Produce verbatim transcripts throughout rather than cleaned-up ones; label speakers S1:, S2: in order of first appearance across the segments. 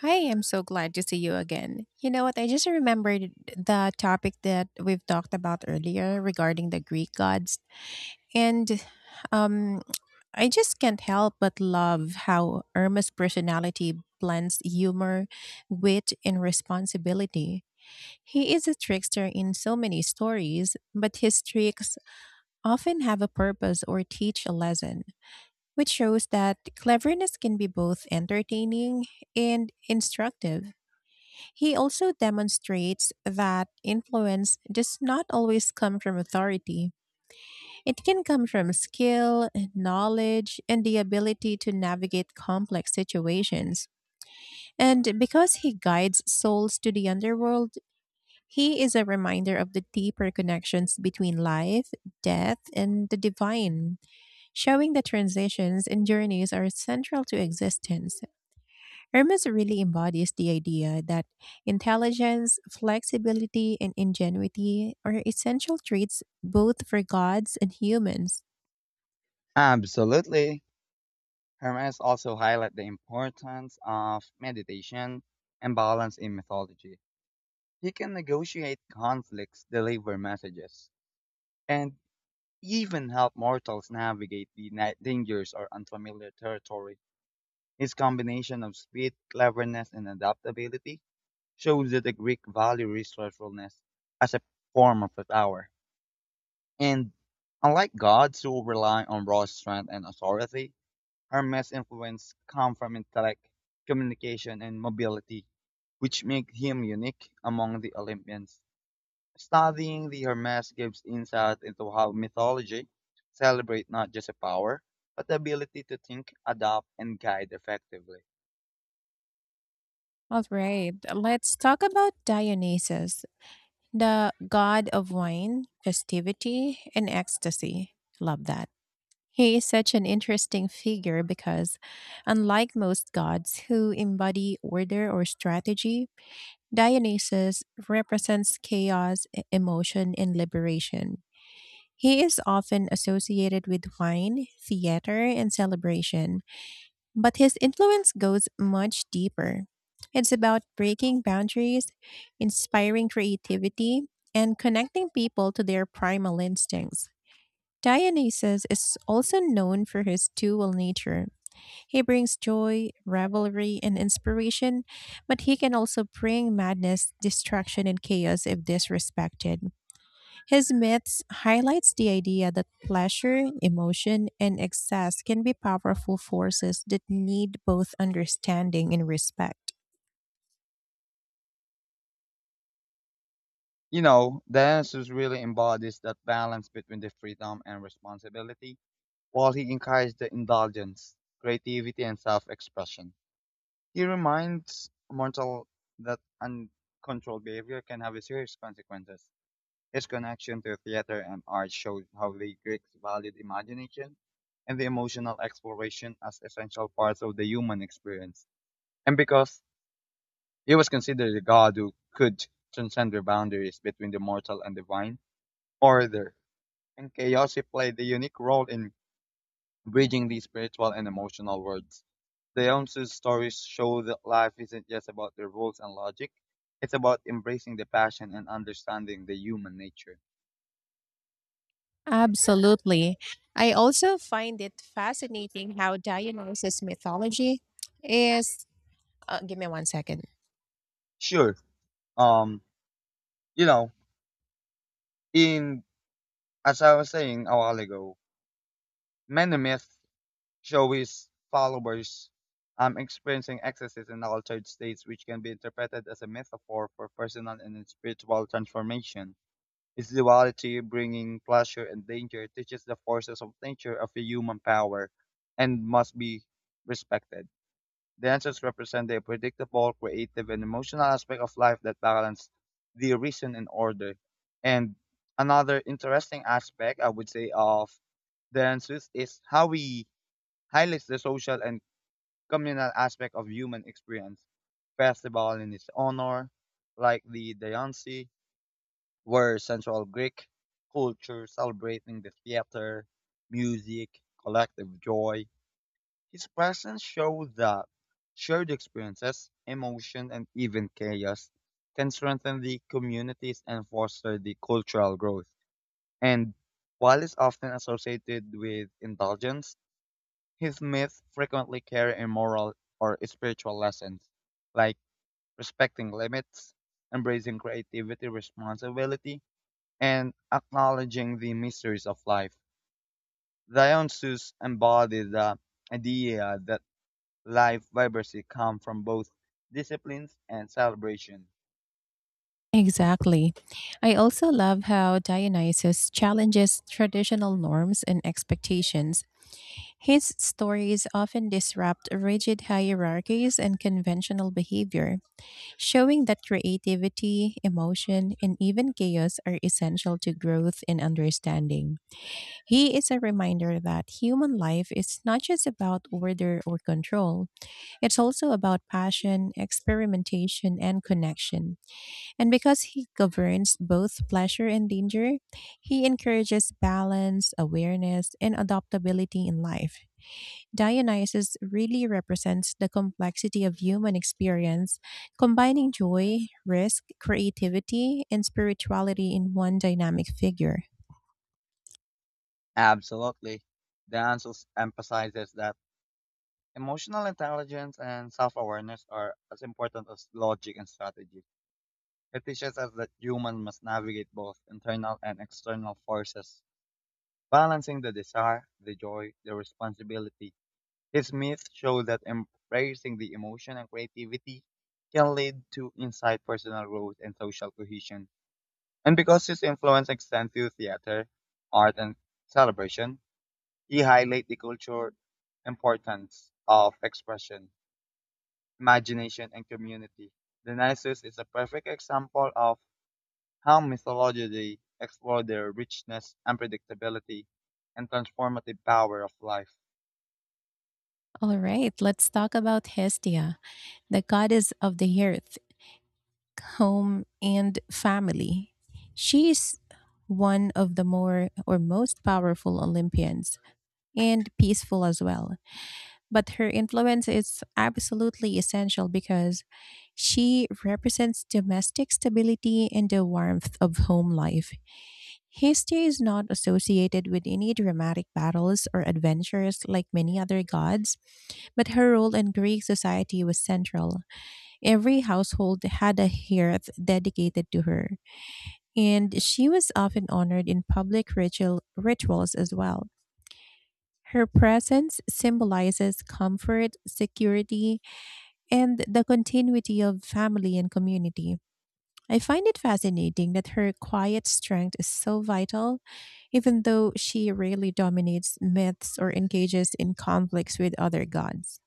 S1: Hi, I'm so glad to see you again. You know what? I just remembered the topic that we've talked about earlier regarding the Greek gods. And um, I just can't help but love how Irma's personality blends humor, wit, and responsibility. He is a trickster in so many stories, but his tricks often have a purpose or teach a lesson, which shows that cleverness can be both entertaining and instructive. He also demonstrates that influence does not always come from authority. It can come from skill, knowledge, and the ability to navigate complex situations. And because he guides souls to the underworld, he is a reminder of the deeper connections between life, death, and the divine, showing that transitions and journeys are central to existence. Hermes really embodies the idea that intelligence, flexibility, and ingenuity are essential traits both for gods and humans.
S2: Absolutely. Hermes also highlight the importance of meditation and balance in mythology. He can negotiate conflicts, deliver messages, and even help mortals navigate the ni- dangers or unfamiliar territory. His combination of speed, cleverness, and adaptability shows that the Greek value resourcefulness as a form of power. And unlike gods who rely on raw strength and authority, Hermes' influence comes from intellect, communication, and mobility, which make him unique among the Olympians. Studying the Hermes gives insight into how mythology celebrates not just a power, but the ability to think, adapt, and guide effectively.
S1: All right, let's talk about Dionysus, the god of wine, festivity, and ecstasy. Love that. He is such an interesting figure because, unlike most gods who embody order or strategy, Dionysus represents chaos, e- emotion, and liberation. He is often associated with wine, theater, and celebration, but his influence goes much deeper. It's about breaking boundaries, inspiring creativity, and connecting people to their primal instincts. Dionysus is also known for his dual nature. He brings joy, revelry, and inspiration, but he can also bring madness, destruction, and chaos if disrespected. His myths highlights the idea that pleasure, emotion, and excess can be powerful forces that need both understanding and respect.
S2: You know, Dionysus really embodies that balance between the freedom and responsibility, while he encourages the indulgence, creativity, and self-expression. He reminds Mortal that uncontrolled behavior can have serious consequences. His connection to theater and art shows how the Greeks valued imagination and the emotional exploration as essential parts of the human experience. And because he was considered a god who could transcend the boundaries between the mortal and divine, order and chaos, he played a unique role in bridging these spiritual and emotional worlds. The Eonsus stories show that life isn't just about the rules and logic. It's about embracing the passion and understanding the human nature.
S1: Absolutely. I also find it fascinating how Dionysus mythology is. Uh, give me one second.
S2: Sure. Um, you know, in as I was saying a while ago, many myths show his followers um experiencing excesses and altered states which can be interpreted as a metaphor for personal and spiritual transformation. Its duality, bringing pleasure and danger, teaches the forces of nature of the human power and must be respected. The represent the predictable, creative, and emotional aspect of life that balance the reason and order. And another interesting aspect, I would say, of dances is how we highlights the social and communal aspect of human experience. Festival in its honor, like the Dayansi, were central Greek culture, celebrating the theater, music, collective joy. His presence showed that shared experiences, emotion, and even chaos can strengthen the communities and foster the cultural growth. And while is often associated with indulgence, his myths frequently carry a moral or spiritual lessons, like respecting limits, embracing creativity, responsibility, and acknowledging the mysteries of life. Dionysus embodied the idea that life vibrancy comes from both disciplines and celebration.
S1: Exactly. I also love how Dionysus challenges traditional norms and expectations. His stories often disrupt rigid hierarchies and conventional behavior, showing that creativity, emotion, and even chaos are essential to growth and understanding. He is a reminder that human life is not just about order or control, it's also about passion, experimentation, and connection. And because he governs both pleasure and danger, he encourages balance, awareness, and adaptability in life. Dionysus really represents the complexity of human experience, combining joy, risk, creativity, and spirituality in one dynamic figure.
S2: Absolutely. Dionysus emphasizes that emotional intelligence and self awareness are as important as logic and strategy. It teaches us that humans must navigate both internal and external forces, balancing the desire, the joy, the responsibility, his myths show that embracing the emotion and creativity can lead to insight, personal growth, and social cohesion. And because his influence extends to theater, art, and celebration, he highlights the cultural importance of expression, imagination, and community. The Dionysus is a perfect example of how mythology explores the richness, unpredictability, and transformative power of life.
S1: All right, let's talk about Hestia, the goddess of the earth, home, and family. She is one of the more or most powerful Olympians and peaceful as well. But her influence is absolutely essential because she represents domestic stability and the warmth of home life. Hestia is not associated with any dramatic battles or adventures like many other gods, but her role in Greek society was central. Every household had a hearth dedicated to her, and she was often honored in public ritual, rituals as well. Her presence symbolizes comfort, security, and the continuity of family and community. I find it fascinating that her quiet strength is so vital, even though she rarely dominates myths or engages in conflicts with other gods.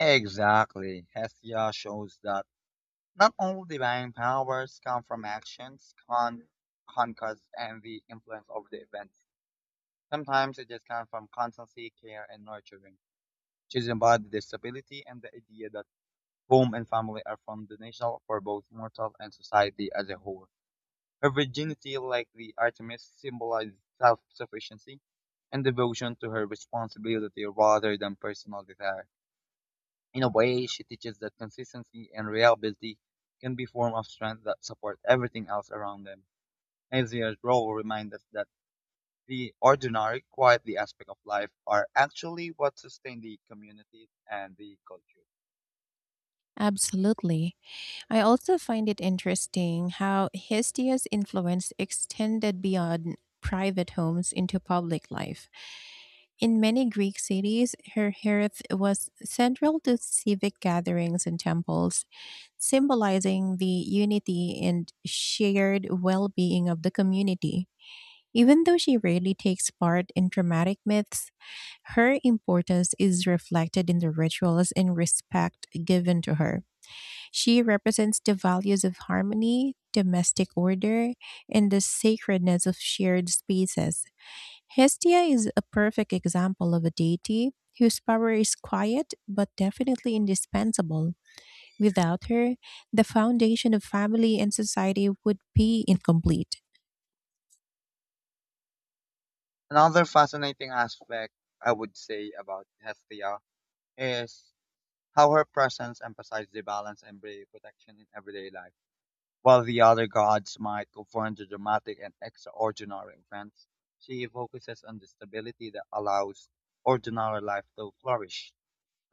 S2: Exactly. Hestia shows that not all divine powers come from actions, con conquest, and the influence of the event. Sometimes it just comes from constancy, care, and nurturing. She's embodied the stability and the idea that home and family are foundational for both mortal and society as a whole. Her virginity, like the Artemis, symbolizes self-sufficiency and devotion to her responsibility rather than personal desire. In a way, she teaches that consistency and reliability can be form of strength that support everything else around them. Nazia's role reminds us that the ordinary, quietly aspect of life are actually what sustain the community and the culture.
S1: Absolutely. I also find it interesting how Hestia's influence extended beyond private homes into public life. In many Greek cities, her hearth was central to civic gatherings and temples, symbolizing the unity and shared well being of the community. Even though she rarely takes part in dramatic myths, her importance is reflected in the rituals and respect given to her. She represents the values of harmony, domestic order, and the sacredness of shared spaces. Hestia is a perfect example of a deity whose power is quiet but definitely indispensable. Without her, the foundation of family and society would be incomplete.
S2: Another fascinating aspect I would say about Hestia is how her presence emphasizes the balance and brave protection in everyday life. While the other gods might confront the dramatic and extraordinary events, she focuses on the stability that allows ordinary life to flourish.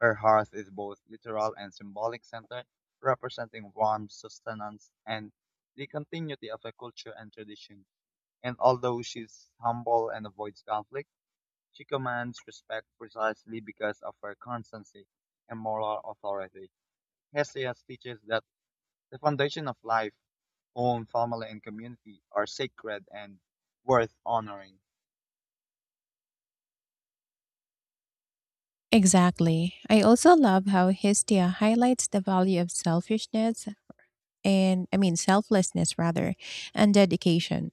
S2: Her hearth is both literal and symbolic center, representing warmth, sustenance, and the continuity of a culture and tradition. And although she's humble and avoids conflict, she commands respect precisely because of her constancy and moral authority. Hesiod teaches that the foundation of life own family and community are sacred and worth honoring.
S1: Exactly. I also love how Hestia highlights the value of selfishness and, I mean, selflessness rather, and dedication.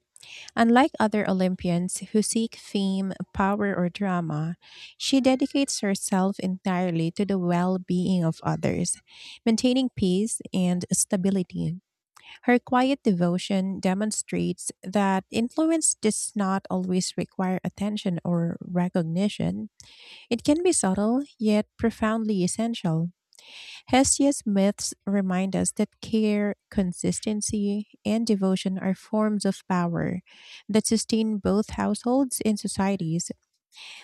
S1: Unlike other Olympians who seek fame, power, or drama, she dedicates herself entirely to the well being of others, maintaining peace and stability. Her quiet devotion demonstrates that influence does not always require attention or recognition. It can be subtle, yet profoundly essential. Hesiod's myths remind us that care, consistency, and devotion are forms of power that sustain both households and societies.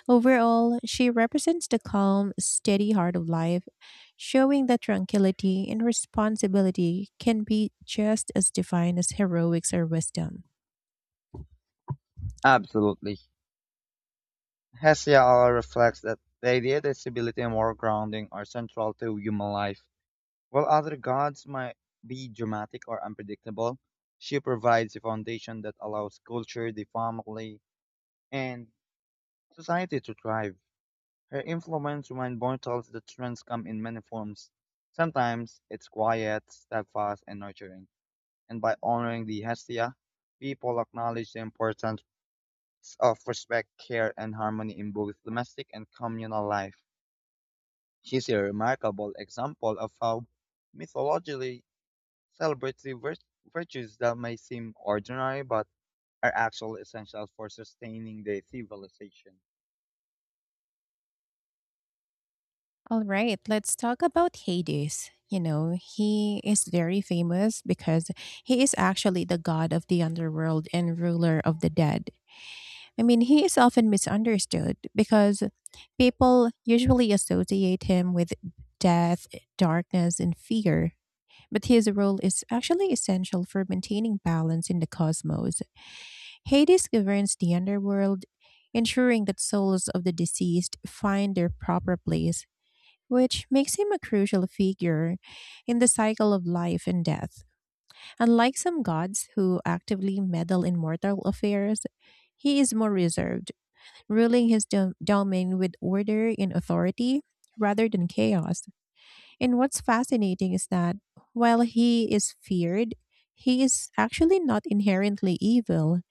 S1: Overall, she represents the calm, steady heart of life, showing that tranquility and responsibility can be just as defined as heroics or wisdom.
S2: Absolutely. Hesiod reflects that the idea that stability and moral grounding are central to human life. While other gods might be dramatic or unpredictable, she provides a foundation that allows culture, the family, and society to thrive. Her influence reminds mortals that strengths come in many forms. Sometimes it's quiet, steadfast, and nurturing. And by honoring the Hestia, people acknowledge the importance of respect, care, and harmony in both domestic and communal life. She's a remarkable example of how mythology celebrates the vir- virtues that may seem ordinary but are actually essential for sustaining the civilization.
S1: All right, let's talk about Hades. You know, he is very famous because he is actually the god of the underworld and ruler of the dead. I mean, he is often misunderstood because people usually associate him with death, darkness, and fear. But his role is actually essential for maintaining balance in the cosmos. Hades governs the underworld, ensuring that souls of the deceased find their proper place, which makes him a crucial figure in the cycle of life and death. Unlike some gods who actively meddle in mortal affairs, he is more reserved, ruling his dom- domain with order and authority rather than chaos. And what's fascinating is that while he is feared, he is actually not inherently evil.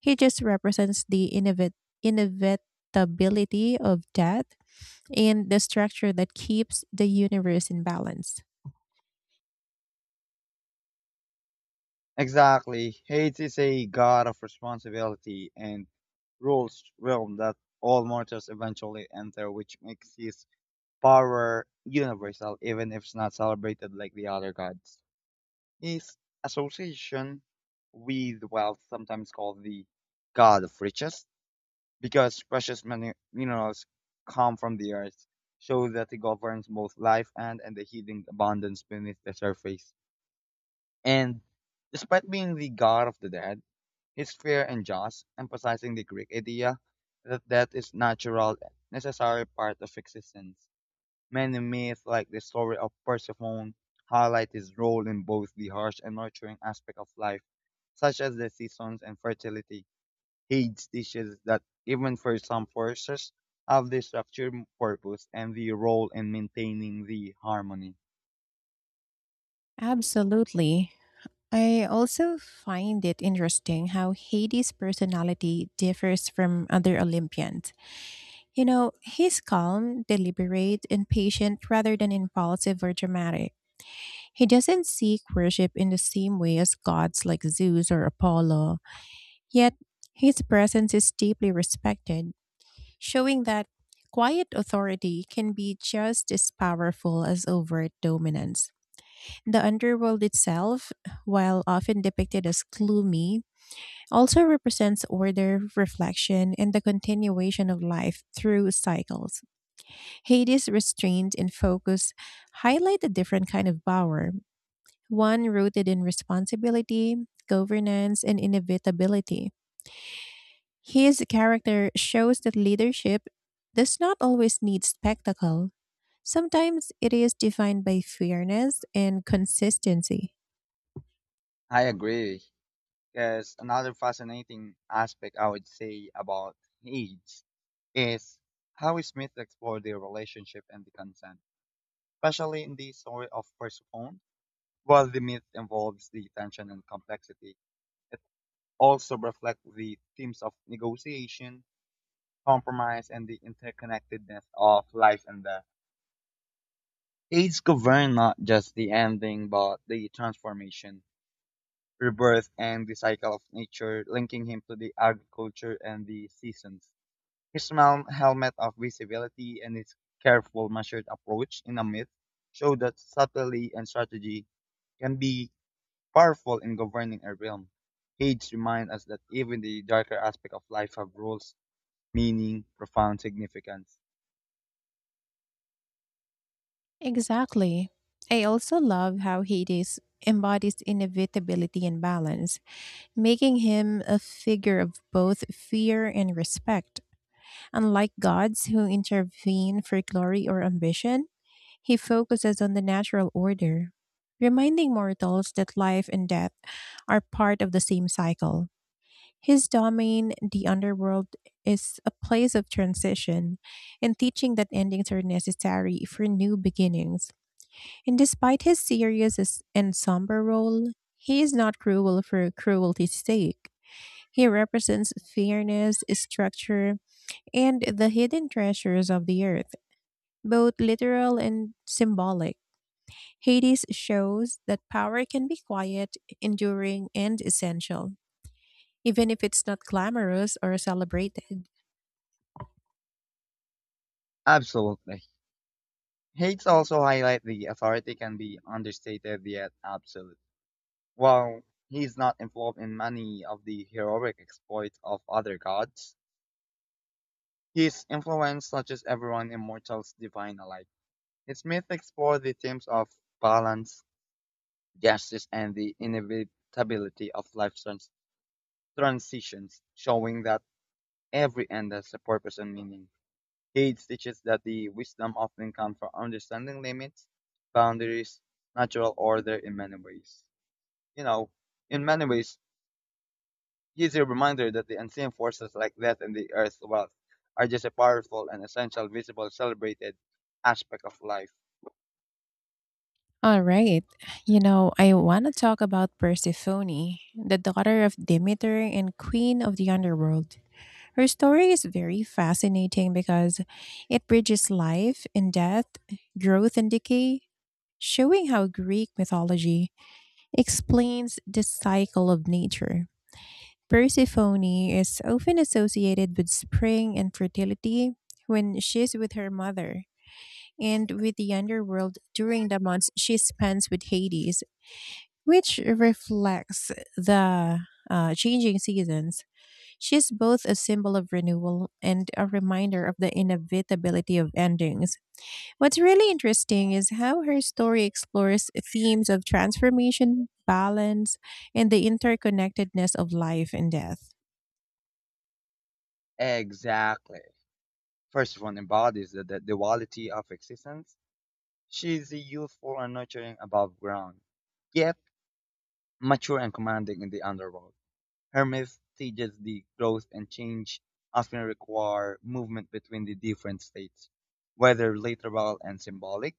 S1: He just represents the innovat- inevitability of death and the structure that keeps the universe in balance.
S2: Exactly. Hades is a god of responsibility and rules realm that all mortals eventually enter, which makes his power universal even if it's not celebrated like the other gods. His association with wealth, sometimes called the god of riches, because precious minu- minerals come from the earth, show that he governs both life and, and the hidden abundance beneath the surface. And despite being the god of the dead, he's fair and just, emphasizing the Greek idea that death is natural, necessary part of existence. Many myths, like the story of Persephone, highlight his role in both the harsh and nurturing aspect of life, such as the seasons and fertility. Hades teaches that even for some forces have their structured purpose and the role in maintaining the harmony.
S1: Absolutely. I also find it interesting how Hades' personality differs from other Olympians. You know, he's calm, deliberate, and patient rather than impulsive or dramatic. He doesn't seek worship in the same way as gods like Zeus or Apollo, yet his presence is deeply respected, showing that quiet authority can be just as powerful as overt dominance. The underworld itself, while often depicted as gloomy, also represents order, reflection, and the continuation of life through cycles. Hades restraint and focus highlight a different kind of power, one rooted in responsibility, governance, and inevitability. His character shows that leadership does not always need spectacle. Sometimes it is defined by fairness and consistency.
S2: I agree. Because another fascinating aspect I would say about Hades is how Smith explored their relationship and the consent, especially in the story of Persephone. While the myth involves the tension and complexity, it also reflects the themes of negotiation, compromise, and the interconnectedness of life and death. Aids govern not just the ending, but the transformation, rebirth, and the cycle of nature, linking him to the agriculture and the seasons. His mel- helmet of visibility and his careful, measured approach in a myth show that subtlety and strategy can be powerful in governing a realm. Hades reminds us that even the darker aspects of life have rules, meaning, profound significance.
S1: Exactly. I also love how Hades embodies inevitability and balance, making him a figure of both fear and respect. Unlike gods who intervene for glory or ambition, he focuses on the natural order, reminding mortals that life and death are part of the same cycle. His domain, the underworld, is a place of transition and teaching that endings are necessary for new beginnings. And despite his serious as- and somber role, he is not cruel for cruelty's sake. He represents fairness, structure, and the hidden treasures of the earth, both literal and symbolic. Hades shows that power can be quiet, enduring, and essential, even if it's not glamorous or celebrated.
S2: Absolutely. Hades also highlight the authority can be understated yet absolute. While he is not involved in many of the heroic exploits of other gods, his influence touches everyone immortals divine alike. His myth explores the themes of balance, justice, and the inevitability of life's trans- transitions, showing that every end has a purpose and meaning. Hades teaches that the wisdom often comes from understanding limits, boundaries, natural order in many ways. You know, in many ways, he is a reminder that the unseen forces like death and the earth's wealth are just a powerful and essential visible celebrated aspect of life.
S1: All right. You know, I want to talk about Persephone, the daughter of Demeter and queen of the underworld. Her story is very fascinating because it bridges life and death, growth and decay, showing how Greek mythology explains the cycle of nature. Persephone is often associated with spring and fertility when she's with her mother, and with the underworld during the months she spends with Hades, which reflects the uh, changing seasons. She's both a symbol of renewal and a reminder of the inevitability of endings. What's really interesting is how her story explores themes of transformation, balance, and the interconnectedness of life and death.
S2: Exactly. First one embodies the, the duality of existence. She is the youthful and nurturing above ground, yet mature and commanding in the underworld. Hermes stages the growth and change often require movement between the different states. Whether literal and symbolic,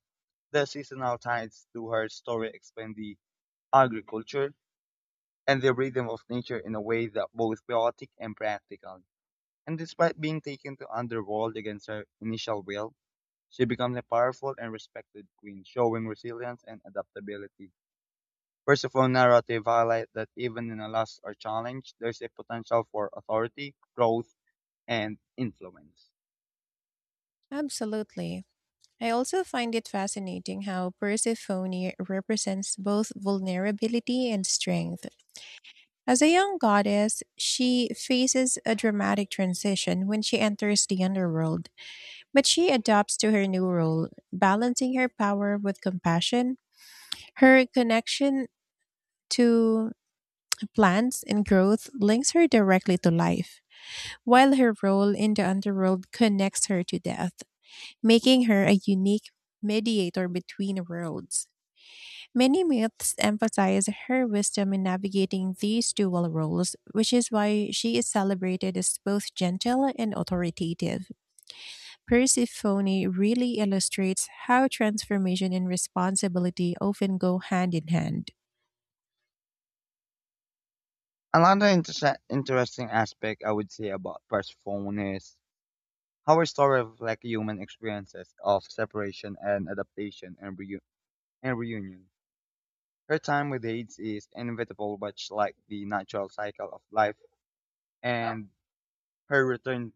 S2: the seasonal ties to her story explain the agriculture and the rhythm of nature in a way that both poetic and practical. And despite being taken to underworld against her initial will, she becomes a powerful and respected queen, showing resilience and adaptability. Merciful narrative highlight that even in a loss or challenge, there's a potential for authority, growth, and influence.
S1: Absolutely. I also find it fascinating how Persephone represents both vulnerability and strength. As a young goddess, she faces a dramatic transition when she enters the underworld. But she adapts to her new role, balancing her power with compassion. Her connection to plants and growth links her directly to life, while her role in the underworld connects her to death, making her a unique mediator between worlds. Many myths emphasize her wisdom in navigating these dual roles, which is why she is celebrated as both gentle and authoritative. Persephone really illustrates how transformation and responsibility often go hand in hand.
S2: Another interse- interesting aspect I would say about Persephone is how her story reflects human experiences of separation and adaptation and, reu- and reunion. Her time with AIDS is inevitable, much like the natural cycle of life, and her return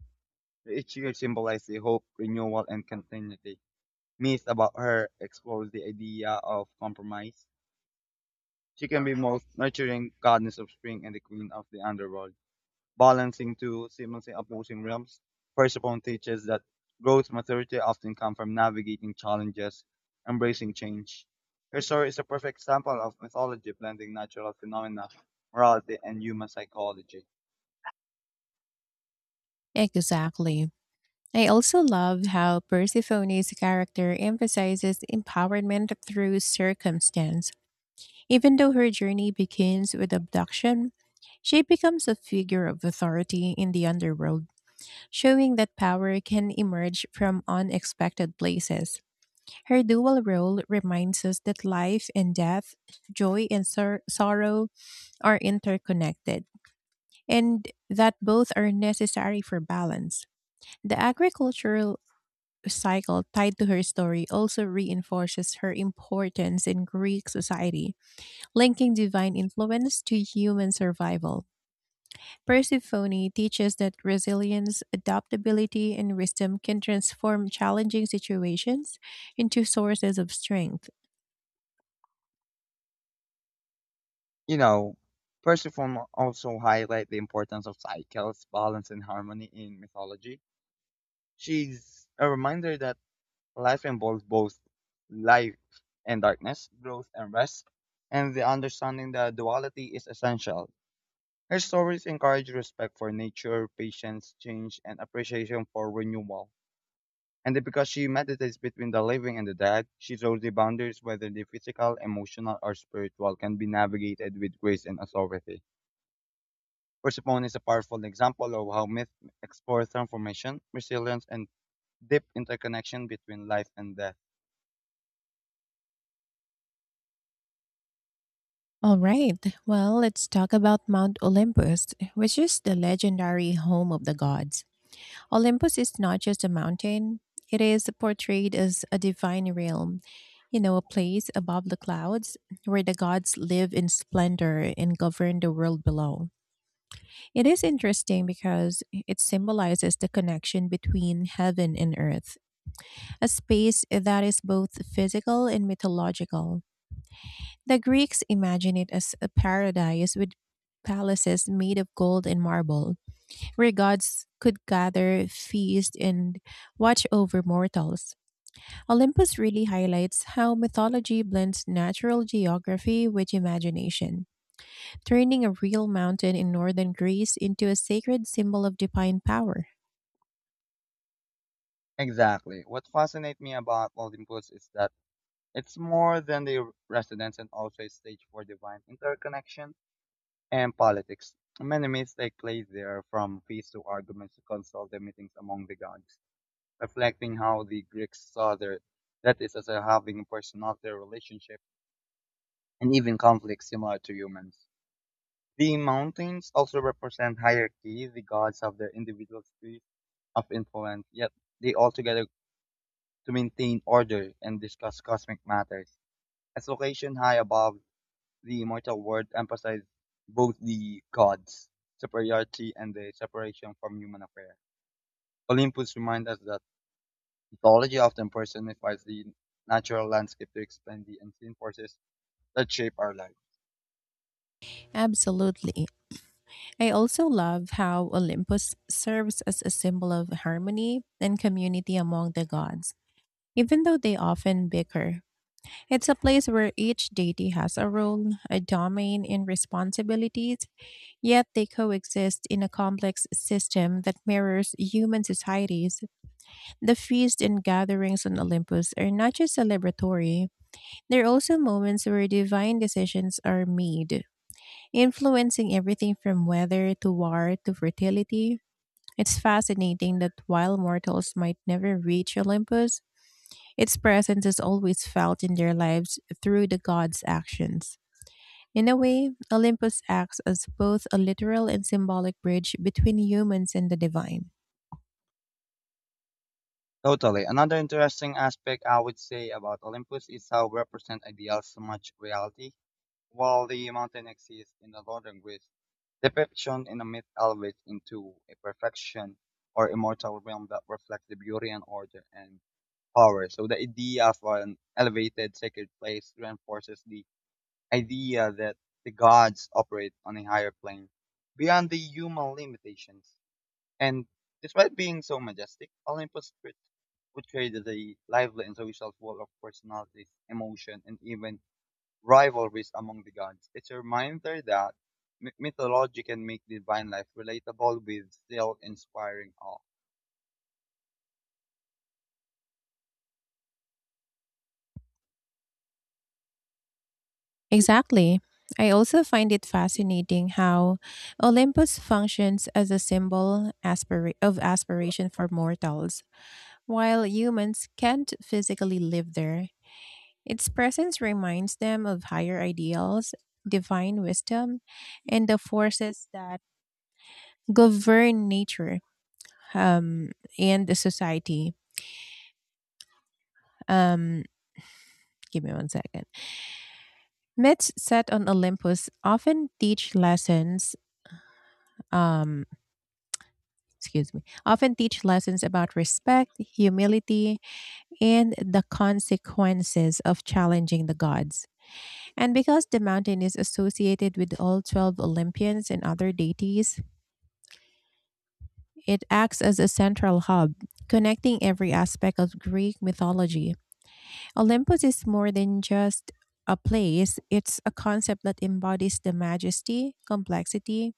S2: each year symbolizes the hope, renewal, and continuity. Myths about her explores the idea of compromise. She can be both nurturing goddess of spring and the queen of the underworld, balancing two seemingly opposing realms. Persephone teaches that growth and maturity often come from navigating challenges, embracing change. Her story is a perfect example of mythology blending natural phenomena, morality, and human psychology.
S1: Exactly. I also love how Persephone's character emphasizes empowerment through circumstance. Even though her journey begins with abduction, she becomes a figure of authority in the underworld, showing that power can emerge from unexpected places. Her dual role reminds us that life and death, joy and sor- sorrow, are interconnected and that both are necessary for balance. The agricultural cycle tied to her story also reinforces her importance in Greek society, linking divine influence to human survival. Persephone teaches that resilience, adaptability, and wisdom can transform challenging situations into sources of strength.
S2: You know, Persephone also highlights the importance of cycles, balance, and harmony in mythology. She's a reminder that life involves both life and darkness, growth and rest, and the understanding that duality is essential. Her stories encourage respect for nature, patience, change, and appreciation for renewal. And because she meditates between the living and the dead, she shows the boundaries, whether the physical, emotional, or spiritual, can be navigated with grace and authority. Persephone is a powerful example of how myth explores transformation, resilience, and deep interconnection between life and death.
S1: All right, well, let's talk about Mount Olympus, which is the legendary home of the gods. Olympus is not just a mountain, it is portrayed as a divine realm, you know, a place above the clouds where the gods live in splendor and govern the world below. It is interesting because it symbolizes the connection between heaven and earth, a space that is both physical and mythological. The Greeks imagine it as a paradise with palaces made of gold and marble where gods could gather, feast, and watch over mortals. Olympus really highlights how mythology blends natural geography with imagination, turning a real mountain in northern Greece into a sacred symbol of divine power.
S2: Exactly. What fascinates me about Olympus is that it's more than the residence and also a stage for divine interconnection and politics. Many myths take place there, from feasts to arguments to consult the meetings among the gods, reflecting how the Greeks saw their, that is, as a having personality, relationship, and even conflict similar to humans. The mountains also represent hierarchy. The gods have their individual spheres of influence, yet they altogether to maintain order and discuss cosmic matters. As location high above the immortal world emphasized both the gods' superiority and the separation from human affairs. Olympus reminds us that mythology often personifies the natural landscape to explain the unseen forces that shape our life.
S1: Absolutely. I also love how Olympus serves as a symbol of harmony and community among the gods. Even though they often bicker, it's a place where each deity has a role, a domain, and responsibilities, yet they coexist in a complex system that mirrors human societies. The feasts and gatherings on Olympus are not just celebratory, they're also moments where divine decisions are made, influencing everything from weather to war to fertility. It's fascinating that while mortals might never reach Olympus, its presence is always felt in their lives through the god's actions. In a way, Olympus acts as both a literal and symbolic bridge between humans and the divine.
S2: Totally. Another interesting aspect I would say about Olympus is how it represents ideals so much reality. While the mountain exists in the Northern Greece, depiction in the myth elevates into a perfection or immortal realm that reflects the beauty and order and power. So the idea of an elevated sacred place reinforces the idea that the gods operate on a higher plane beyond the human limitations. And despite being so majestic, Olympus portrayed the lively and social full of personalities, emotion, and even rivalries among the gods. It's a reminder that my- mythology can make divine life relatable with still inspiring awe.
S1: Exactly. I also find it fascinating how Olympus functions as a symbol aspira- of aspiration for mortals. While humans can't physically live there, its presence reminds them of higher ideals, divine wisdom, and the forces that govern nature um, and the society. Um, Give me one second. Myths set on Olympus often teach lessons. Um, Excuse me. Often teach lessons about respect, humility, and the consequences of challenging the gods. And because the mountain is associated with all twelve Olympians and other deities, it acts as a central hub, connecting every aspect of Greek mythology. Olympus is more than just a place, it's a concept that embodies the majesty, complexity,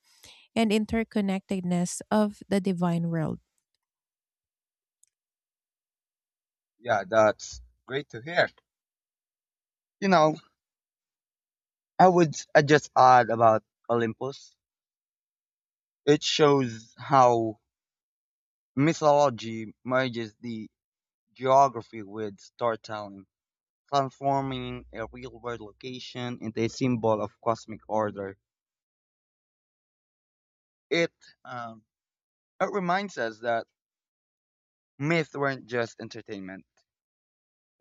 S1: and interconnectedness of the divine world.
S2: Yeah, that's great to hear. You know, I would I just add about Olympus. It shows how mythology merges the geography with storytelling, transforming a real-world location into a symbol of cosmic order. It um, it reminds us that myths weren't just entertainment;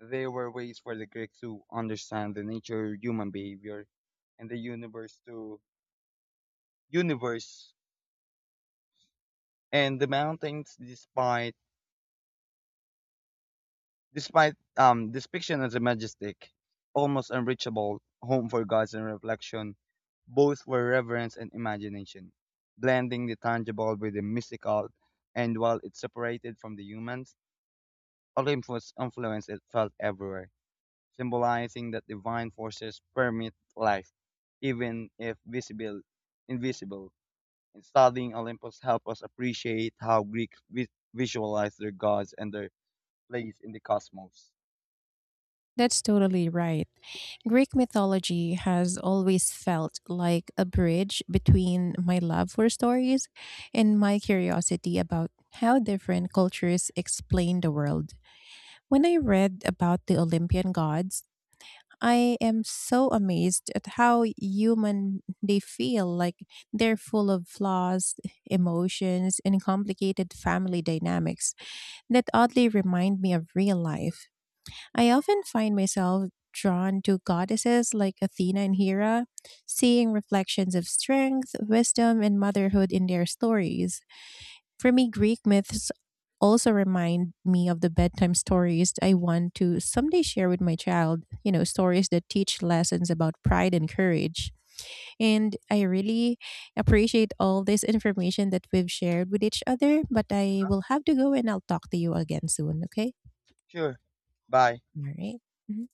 S2: they were ways for the Greeks to understand the nature of human behavior and the universe to universe and the mountains despite despite um depiction as a majestic, almost unreachable home for gods and reflection, both were reverence and imagination, blending the tangible with the mystical and while it separated from the humans, Olympus influence it felt everywhere symbolizing that divine forces permit life, even if visible, invisible. In studying Olympus help us appreciate how Greeks vi- visualize their gods and their place in the cosmos.
S1: That's totally right. Greek mythology has always felt like a bridge between my love for stories and my curiosity about how different cultures explain the world. When I read about the Olympian gods, I am so amazed at how human they feel. Like they're full of flaws, emotions, and complicated family dynamics that oddly remind me of real life. I often find myself drawn to goddesses like Athena and Hera, seeing reflections of strength, wisdom, and motherhood in their stories. For me, Greek myths also remind me of the bedtime stories I want to someday share with my child, you know, stories that teach lessons about pride and courage. And I really appreciate all this information that we've shared with each other, but I will have to go and I'll talk to you again soon, okay?
S2: Sure. Bye.
S1: All right. Mhm.